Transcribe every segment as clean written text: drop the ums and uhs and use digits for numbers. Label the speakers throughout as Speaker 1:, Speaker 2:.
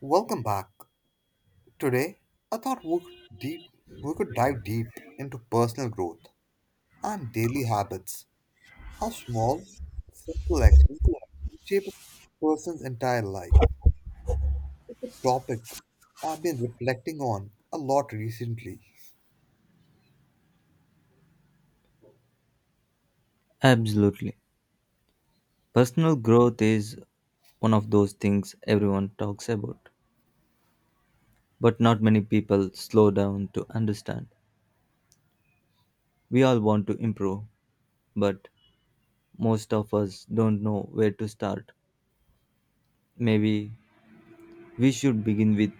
Speaker 1: Welcome back. Today, I thought we could dive deep into personal growth and daily habits. How small, simple actions shape a person's entire life. It's a topic I've been reflecting on a lot recently.
Speaker 2: Absolutely. Personal growth is one of those things everyone talks about, but not many people slow down to understand. We all want to improve, but most of us don't know where to start. Maybe we should begin with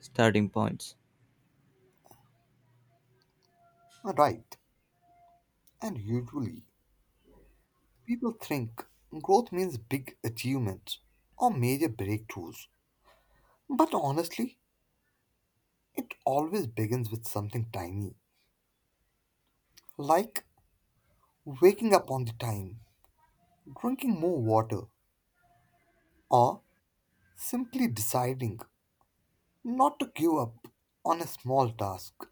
Speaker 2: starting points.
Speaker 1: Right, and usually people think growth means big achievements or major breakthroughs. But honestly, it always begins with something tiny, like waking up on the time. Drinking more water or simply deciding not to give up on a small task.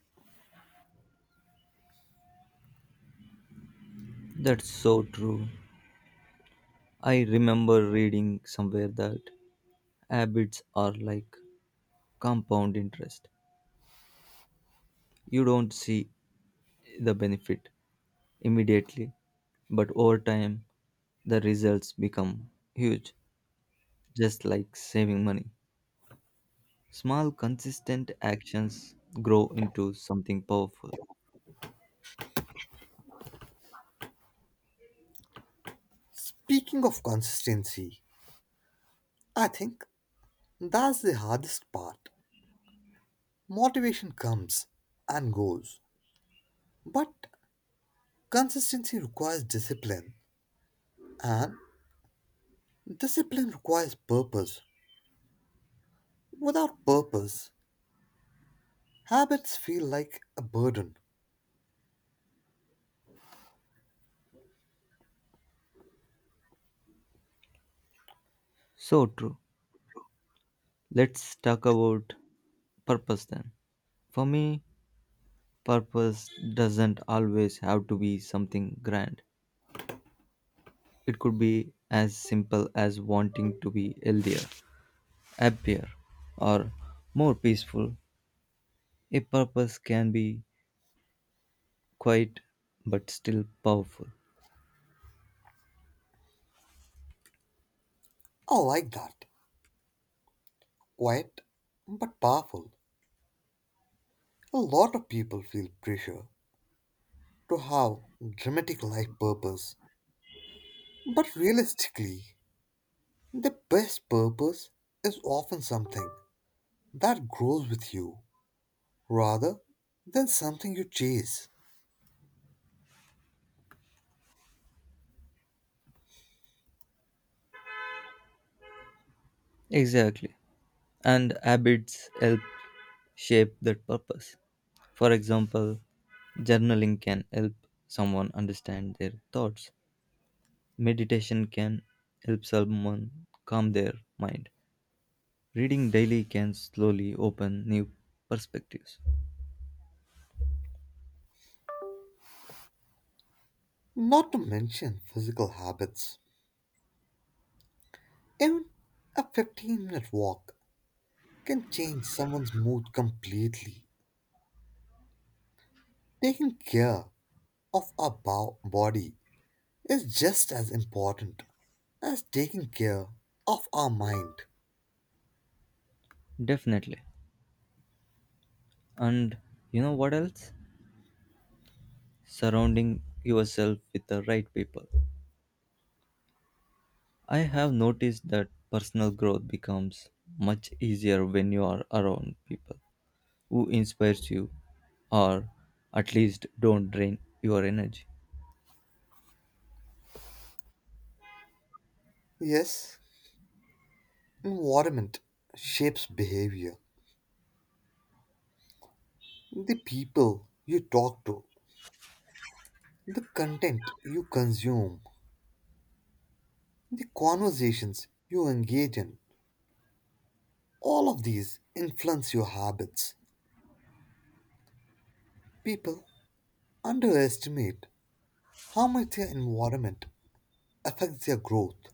Speaker 2: That's so true. I remember reading somewhere that habits are like compound interest. You don't see the benefit immediately, but over time the results become huge, just like saving money. Small, consistent actions grow into something powerful.
Speaker 1: Speaking of consistency, I think that's the hardest part. Motivation comes and goes, but consistency requires discipline, and discipline requires purpose. Without purpose, habits feel like a burden.
Speaker 2: So true. Let's talk about purpose then. For me, purpose doesn't always have to be something grand, it could be as simple as wanting to be healthier, happier, or more peaceful. A purpose can be quiet but still powerful.
Speaker 1: I like that. Quiet but powerful. A lot of people feel pressure to have dramatic life purpose. But realistically, the best purpose is often something that grows with you rather than something you chase.
Speaker 2: Exactly. And habits help shape that purpose. For example, journaling can help someone understand their thoughts, meditation can help someone calm their mind, reading daily can slowly open new perspectives.
Speaker 1: Not to mention physical habits. Even a 15-minute minute walk can change someone's mood completely. Taking care of our body is just as important as taking care of our mind.
Speaker 2: Definitely. And you know what else? Surrounding yourself with the right people. I have noticed that personal growth becomes much easier when you are around people who inspires you or at least don't drain your energy.
Speaker 1: Yes, environment shapes behavior. The people you talk to, the content you consume, the conversations you engage in, all of these influence your habits. People underestimate how much their environment affects their growth.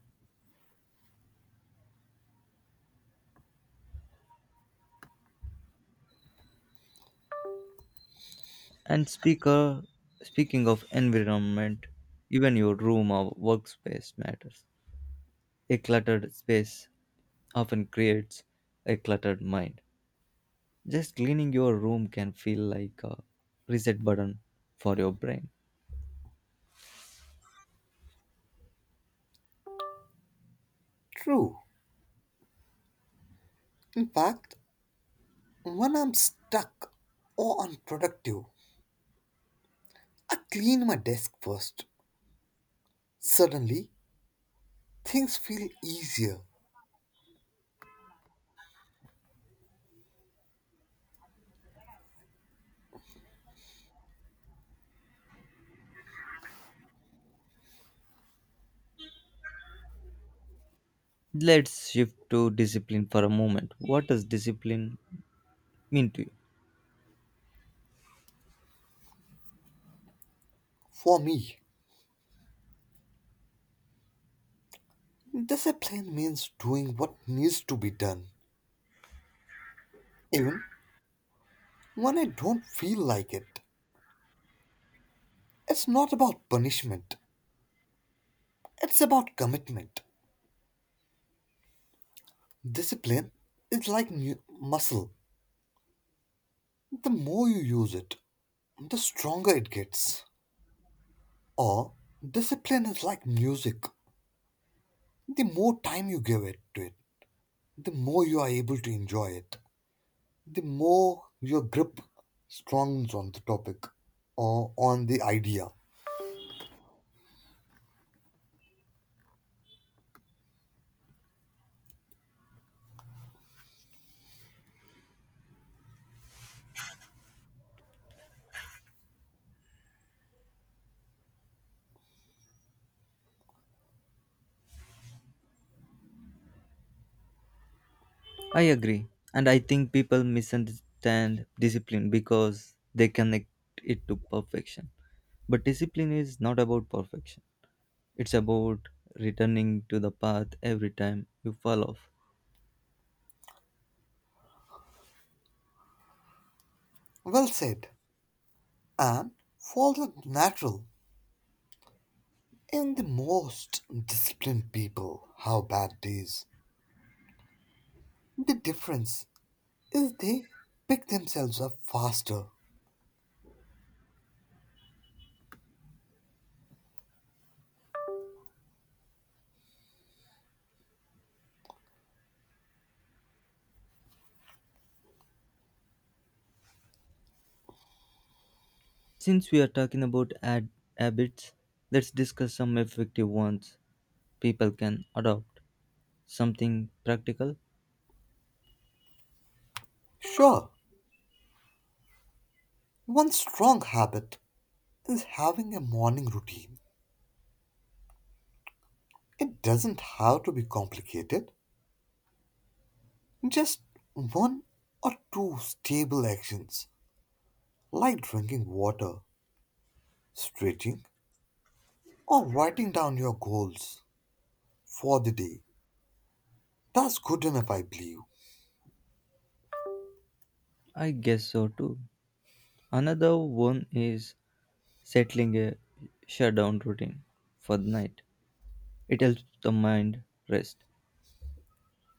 Speaker 2: And speaker, speaking of environment, even your room or workspace matters. A cluttered space often creates a cluttered mind. Just cleaning your room can feel like a reset button for your brain.
Speaker 1: True. In fact, when I'm stuck or unproductive, I clean my desk first. Suddenly, things feel easier
Speaker 2: Let's shift to discipline for a moment. What does discipline mean to you?
Speaker 1: for me. Discipline means doing what needs to be done, even when I don't feel like it. It's not about punishment, it's about commitment. Discipline is like muscle. The more you use it, the stronger it gets. Or, discipline is like music. The more time you give it to it, the more you are able to enjoy it, the more your grip strengthens on the topic or on the idea.
Speaker 2: I agree. And I think people misunderstand discipline because they connect it to perfection. But discipline is not about perfection, it's about returning to the path every time you fall off.
Speaker 1: Well said. And falls natural in the most disciplined people. How bad days the difference is they pick themselves up faster.
Speaker 2: Since we are talking about habits, let's discuss some effective ones people can adopt. Something practical?
Speaker 1: Sure, one strong habit is having a morning routine. It doesn't have to be complicated, just one or two stable actions like drinking water, stretching, or writing down your goals for the day. That's good enough, I believe.
Speaker 2: I guess so too. Another one is settling a shutdown routine for the night. It helps the mind rest.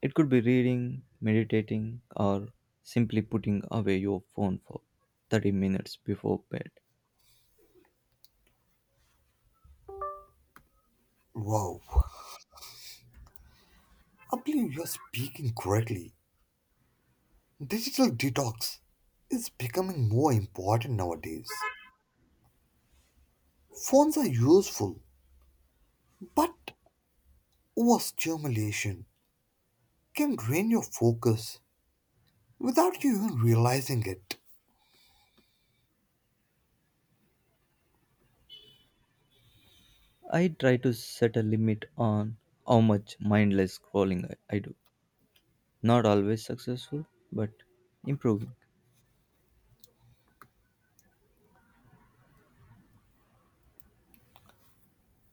Speaker 2: It could be reading, meditating, or simply putting away your phone for 30 minutes before bed.
Speaker 1: Wow, I believe you're speaking correctly. Digital detox is becoming more important nowadays. Phones are useful, but overstimulation can drain your focus without you even realizing it.
Speaker 2: I try to set a limit on how much mindless scrolling I do. Not always successful, but improving.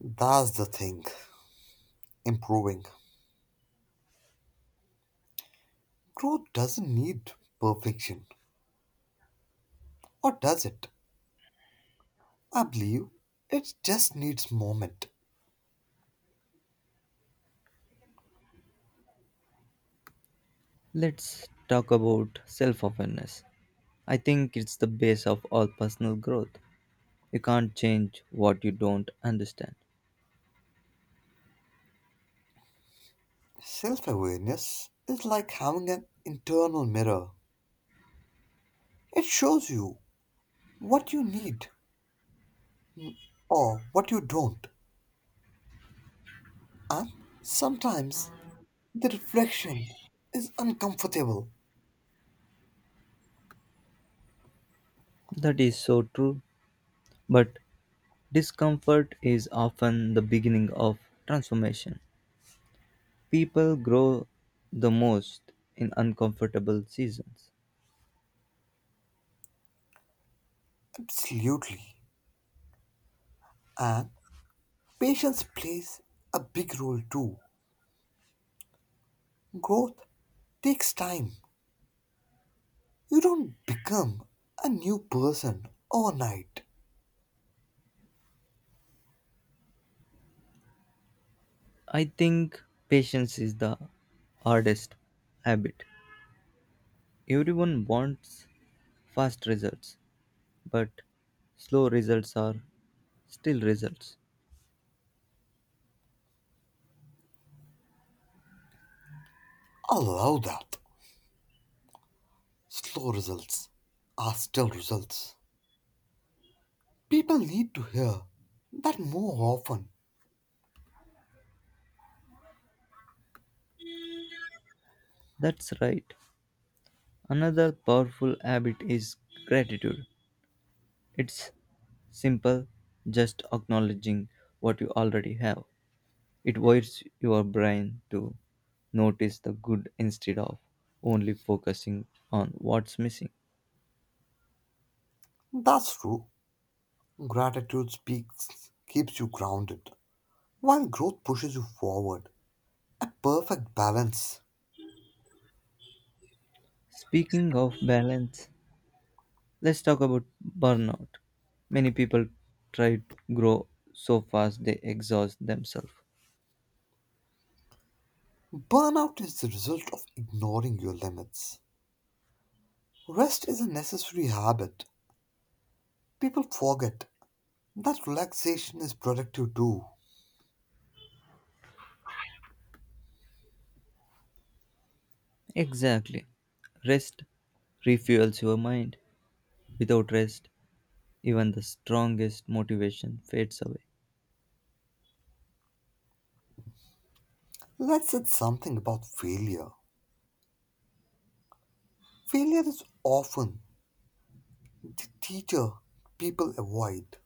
Speaker 1: That's the thing. Improving. Growth doesn't need perfection, or does it? I believe it just needs moment.
Speaker 2: Let's talk about self awareness. I think it's the base of all personal growth. You can't change what you don't understand.
Speaker 1: Self awareness is like having an internal mirror, it shows you what you need or what you don't. And sometimes the reflection is uncomfortable.
Speaker 2: That is so true, but discomfort is often the beginning of transformation. People grow the most in uncomfortable seasons.
Speaker 1: Absolutely. And patience plays a big role too. Growth takes time. You don't become a new person overnight.
Speaker 2: I think patience is the hardest habit. Everyone wants fast results, but slow results are still results.
Speaker 1: Allow that. Slow results are still results. People need to hear that more often.
Speaker 2: That's right. Another powerful habit is gratitude. It's simple, just acknowledging what you already have. It wires your brain to notice the good instead of only focusing on what's missing.
Speaker 1: That's true. Gratitude speaks, keeps you grounded. While growth pushes you forward, a perfect balance.
Speaker 2: Speaking of balance, let's talk about burnout. Many people try to grow so fast they exhaust themselves.
Speaker 1: Burnout is the result of ignoring your limits. Rest is a necessary habit. People forget that relaxation is productive too.
Speaker 2: Exactly. Rest refuels your mind. Without rest, even the strongest motivation fades away.
Speaker 1: Let's add something about failure. Failure is often the teacher people avoid,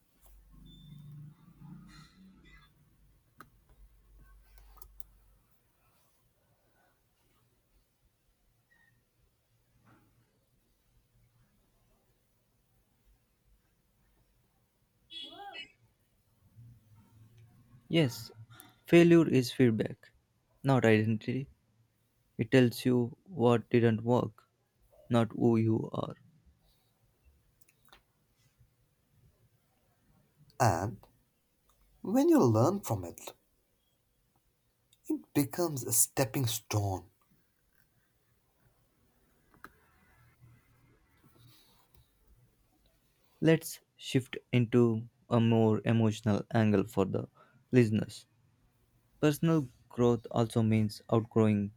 Speaker 2: Yes, failure is feedback, not identity. It tells you what didn't work, not who you are.
Speaker 1: and when you learn from it, it becomes a stepping stone.
Speaker 2: Let's shift into a more emotional angle for the listeners. Personal growth also means outgrowing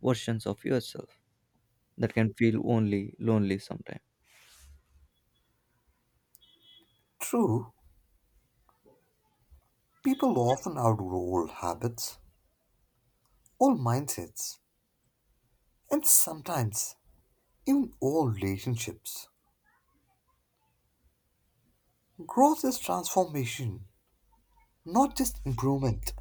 Speaker 2: versions of yourself that can feel only lonely sometimes.
Speaker 1: True, people often outgrow old habits, old mindsets, and sometimes in all relationships, growth is transformation, not just improvement.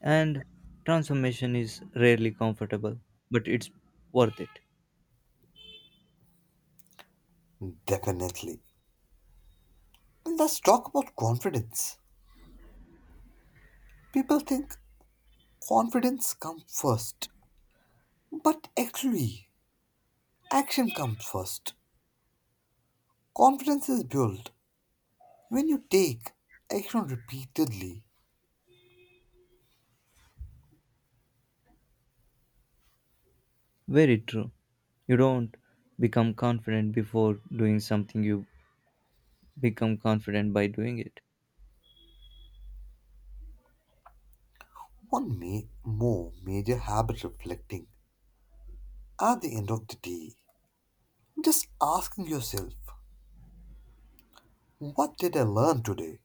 Speaker 2: And transformation is rarely comfortable, but it's worth it.
Speaker 1: Definitely. And let's talk about confidence. People think confidence comes first, but actually, action comes first. Confidence is built when you take action repeatedly.
Speaker 2: Very true. You don't become confident before doing something, you become confident by doing it.
Speaker 1: One may more major habit reflecting at the end of the day. Just asking yourself, what did I learn today?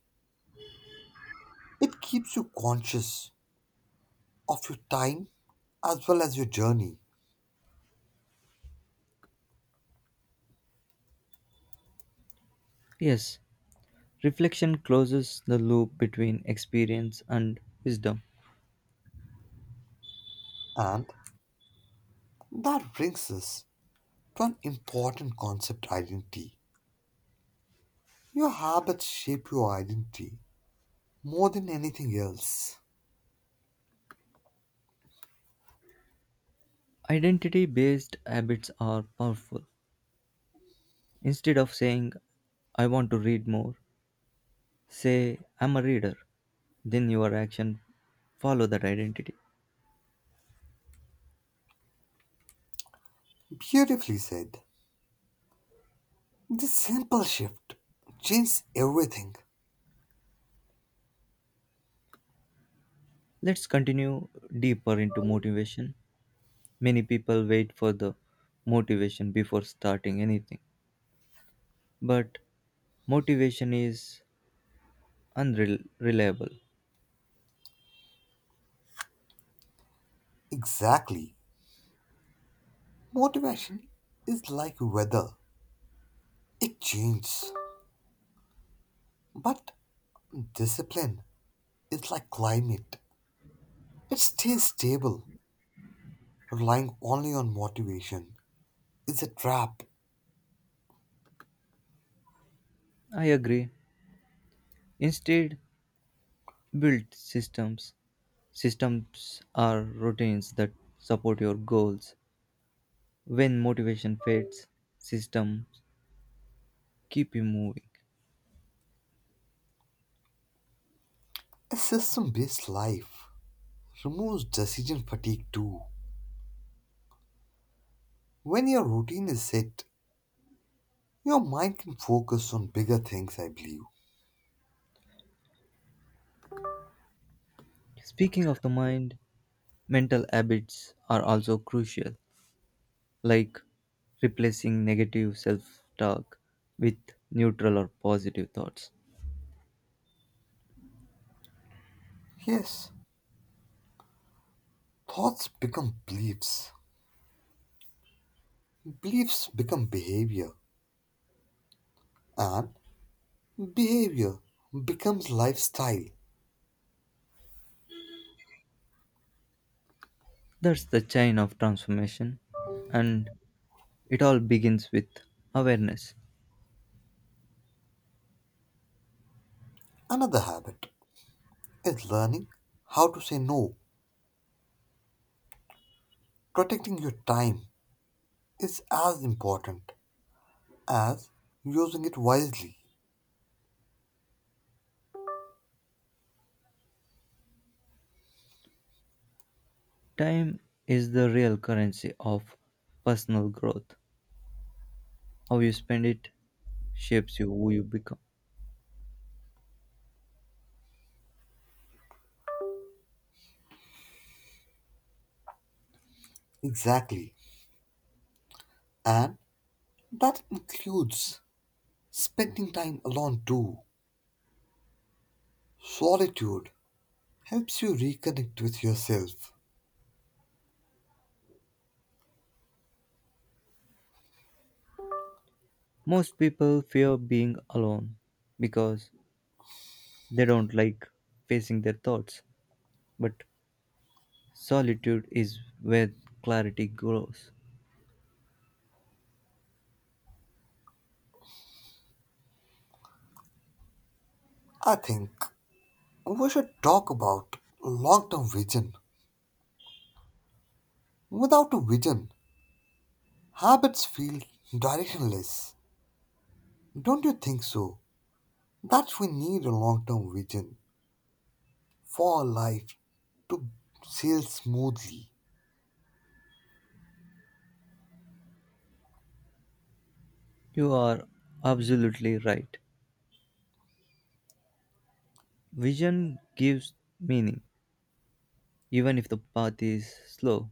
Speaker 1: It keeps you conscious of your time as well as your journey.
Speaker 2: Yes, reflection closes the loop between experience and wisdom.
Speaker 1: And that brings us to an important concept identity. Your habits shape your identity more than anything else.
Speaker 2: Identity based habits are powerful. Instead of saying, I want to read more, say, I'm a reader. Then your action follow that identity.
Speaker 1: Beautifully said. This simple shift changes everything.
Speaker 2: Let's continue deeper into motivation. Many people wait for the motivation before starting anything, but motivation is unreliable.
Speaker 1: Exactly. Motivation is like weather, it changes. But discipline is like climate, it stays stable. Relying only on motivation is a trap.
Speaker 2: I agree. Instead, build systems. Systems are routines that support your goals. When motivation fades, systems keep you moving.
Speaker 1: A system based life removes decision fatigue too. When your routine is set, your mind can focus on bigger things, I believe.
Speaker 2: Speaking of the mind, mental habits are also crucial, like replacing negative self talk with neutral or positive thoughts.
Speaker 1: Yes, thoughts become beliefs, beliefs become behavior, and behavior becomes lifestyle.
Speaker 2: That's the chain of transformation, and it all begins with awareness.
Speaker 1: Another habit is learning how to say no. Protecting your time is as important as using it wisely.
Speaker 2: Time is the real currency of personal growth. How you spend it shapes you who you become.
Speaker 1: Exactly. And that includes spending time alone too. Solitude helps you reconnect with yourself.
Speaker 2: Most people fear being alone because they don't like facing their thoughts, but solitude is where clarity grows.
Speaker 1: I think we should talk about long term vision. Without a vision, habits feel directionless. Don't you think so? That we need a long term vision for our life to sail smoothly.
Speaker 2: You are absolutely right. Vision gives meaning. Even if the path is slow,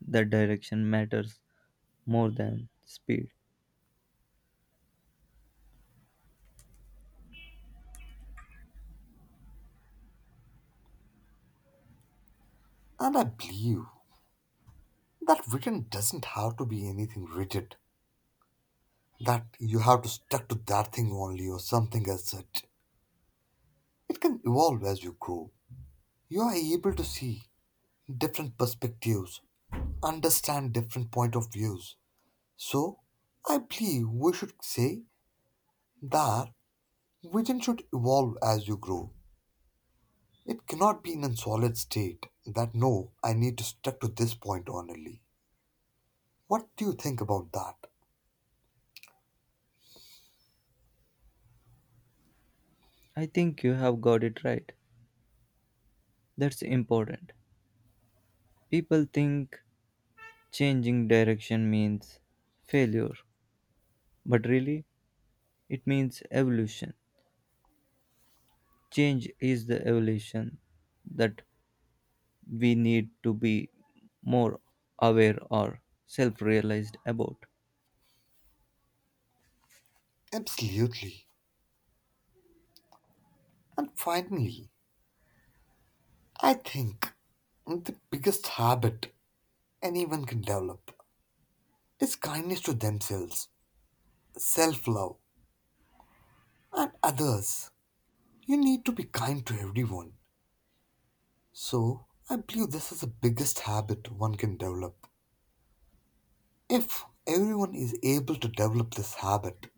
Speaker 2: the direction matters more than speed.
Speaker 1: And I believe that vision doesn't have to be anything rigid, that you have to stick to that thing only or something as such. It can evolve as you grow. You are able to see different perspectives, understand different point of views. So, I believe we should say that vision should evolve as you grow. It cannot be in a solid state that no, I need to stick to this point only. What do you think about that?
Speaker 2: I think you have got it right. That's important. People think changing direction means failure, but really it means evolution. Change is the evolution that we need to be more aware or self realized about.
Speaker 1: Absolutely. And finally, I think the biggest habit anyone can develop is kindness to themselves, self love, and others. You need to be kind to everyone. So, I believe this is the biggest habit one can develop. If everyone is able to develop this habit,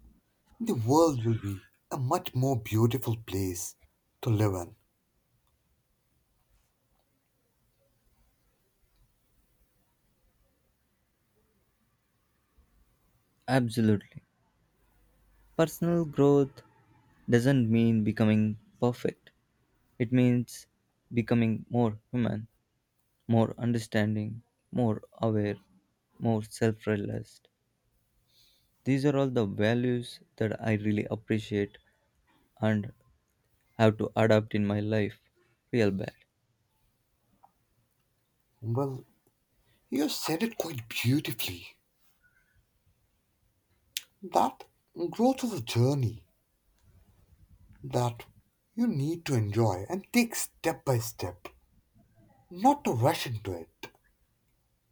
Speaker 1: the world will be a much more beautiful place to live in.
Speaker 2: Absolutely. Personal growth doesn't mean becoming perfect, it means becoming more human, more understanding, more aware, more self realized. These are all the values that I really appreciate and have to adapt in my life real bad.
Speaker 1: Well, you said it quite beautifully that growth is a journey that you need to enjoy and take step by step, not to rush into it,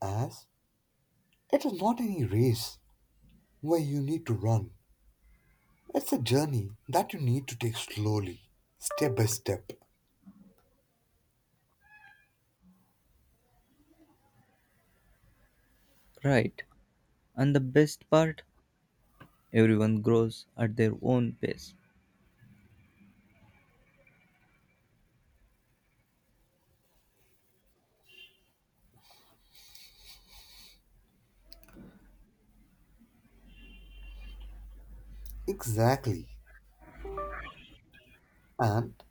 Speaker 1: as it is not any race where you need to run. It's a journey that you need to take slowly, step by step.
Speaker 2: Right, and the best part, everyone grows at their own pace.
Speaker 1: Exactly. And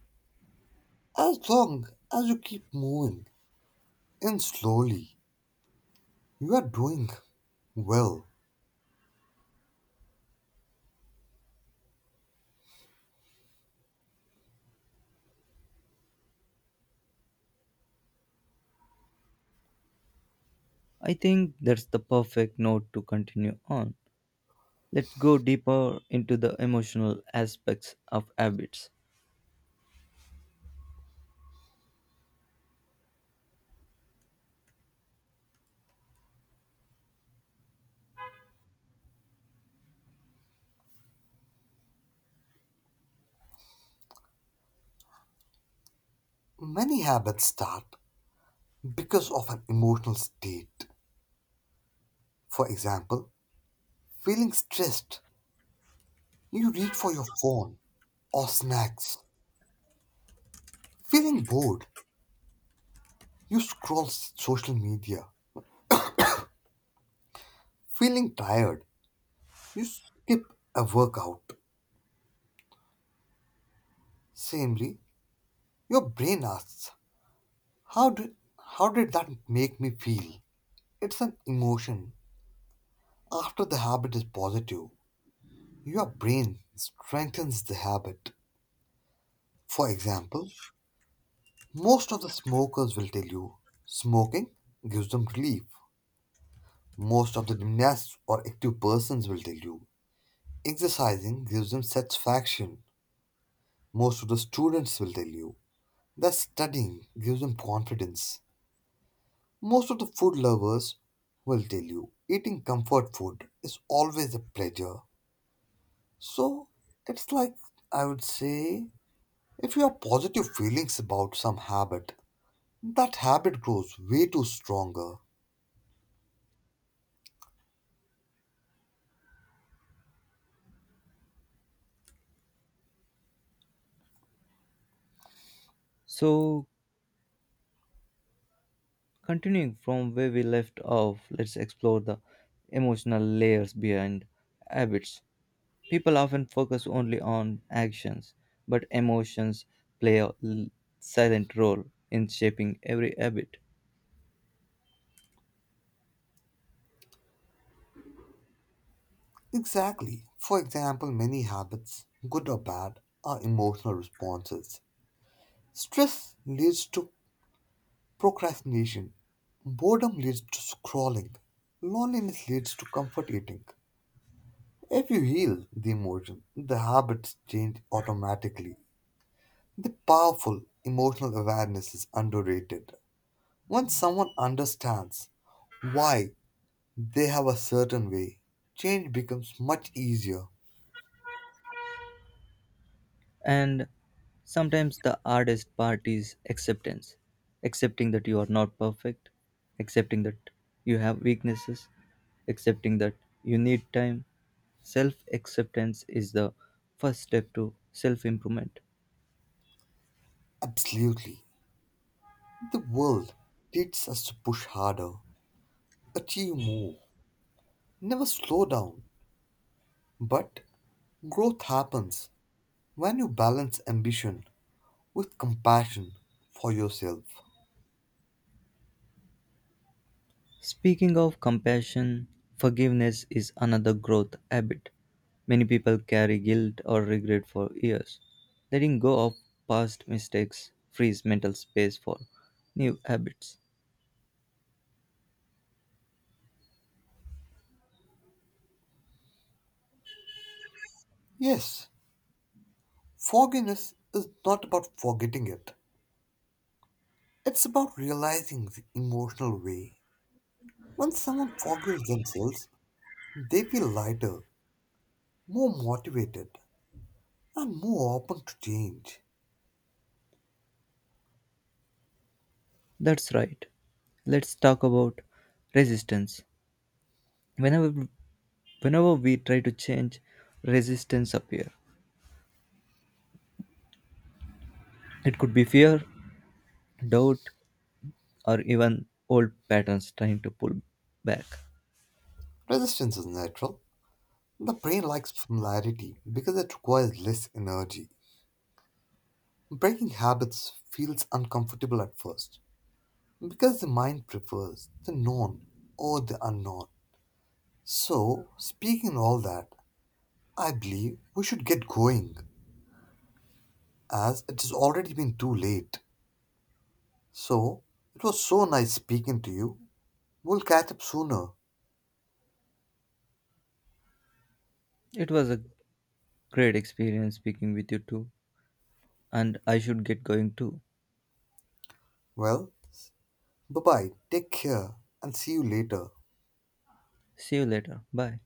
Speaker 1: as long as you keep moving in slowly, you are doing well.
Speaker 2: I think that's the perfect note to continue on. Let's go deeper into the emotional aspects of habits.
Speaker 1: Many habits start because of an emotional state. For example, feeling stressed, you reach for your phone or snacks. Feeling bored, you scroll social media. Feeling tired, you skip a workout. Similarly, your brain asks, How did how did that make me feel? It's an emotion. After the habit is positive, your brain strengthens the habit. For example, most of the smokers will tell you smoking gives them relief. Most of the gymnasts or active persons will tell you exercising gives them satisfaction. Most of the students will tell you that studying gives them confidence. Most of the food lovers will tell you eating comfort food is always a pleasure. So it's like I would say if you have positive feelings about some habit, that habit grows way too stronger.
Speaker 2: So, continuing from where we left off, let's explore the emotional layers behind habits. People often focus only on actions, but emotions play a silent role in shaping every habit.
Speaker 1: Exactly. For example, many habits, good or bad, are emotional responses. Stress leads to procrastination. Boredom leads to scrolling. Loneliness leads to comfort eating. If you heal the emotion, the habits change automatically. The powerful emotional awareness is underrated. Once someone understands why they have a certain way, change becomes much easier.
Speaker 2: And sometimes the hardest part is acceptance, accepting that you are not perfect, accepting that you have weaknesses, accepting that you need time. Self acceptance is the first step to self improvement.
Speaker 1: Absolutely. The world teaches us to push harder, achieve more, never slow down. But growth happens when you balance ambition with compassion for yourself.
Speaker 2: Speaking of compassion, forgiveness is another growth habit. Many people carry guilt or regret for years. Letting go of past mistakes frees mental space for new habits.
Speaker 1: Yes, forgiveness is not about forgetting it, it's about realizing the emotional way. When someone forgives themselves, they feel lighter, more motivated, and more open to change.
Speaker 2: That's right. Let's talk about resistance. Whenever whenever we try to change, resistance appear. It could be fear, doubt, or even old patterns trying to pull back.
Speaker 1: Resistance is natural. The brain likes familiarity because it requires less energy. Breaking habits feels uncomfortable at first because the mind prefers the known or the unknown. So, speaking all that, I believe we should get going, as it has already been too late. So, it was so nice speaking to you. We'll catch up sooner.
Speaker 2: It was a great experience speaking with you too. And I should get going too.
Speaker 1: Well, bye bye, take care, and see you later.
Speaker 2: See you later. Bye.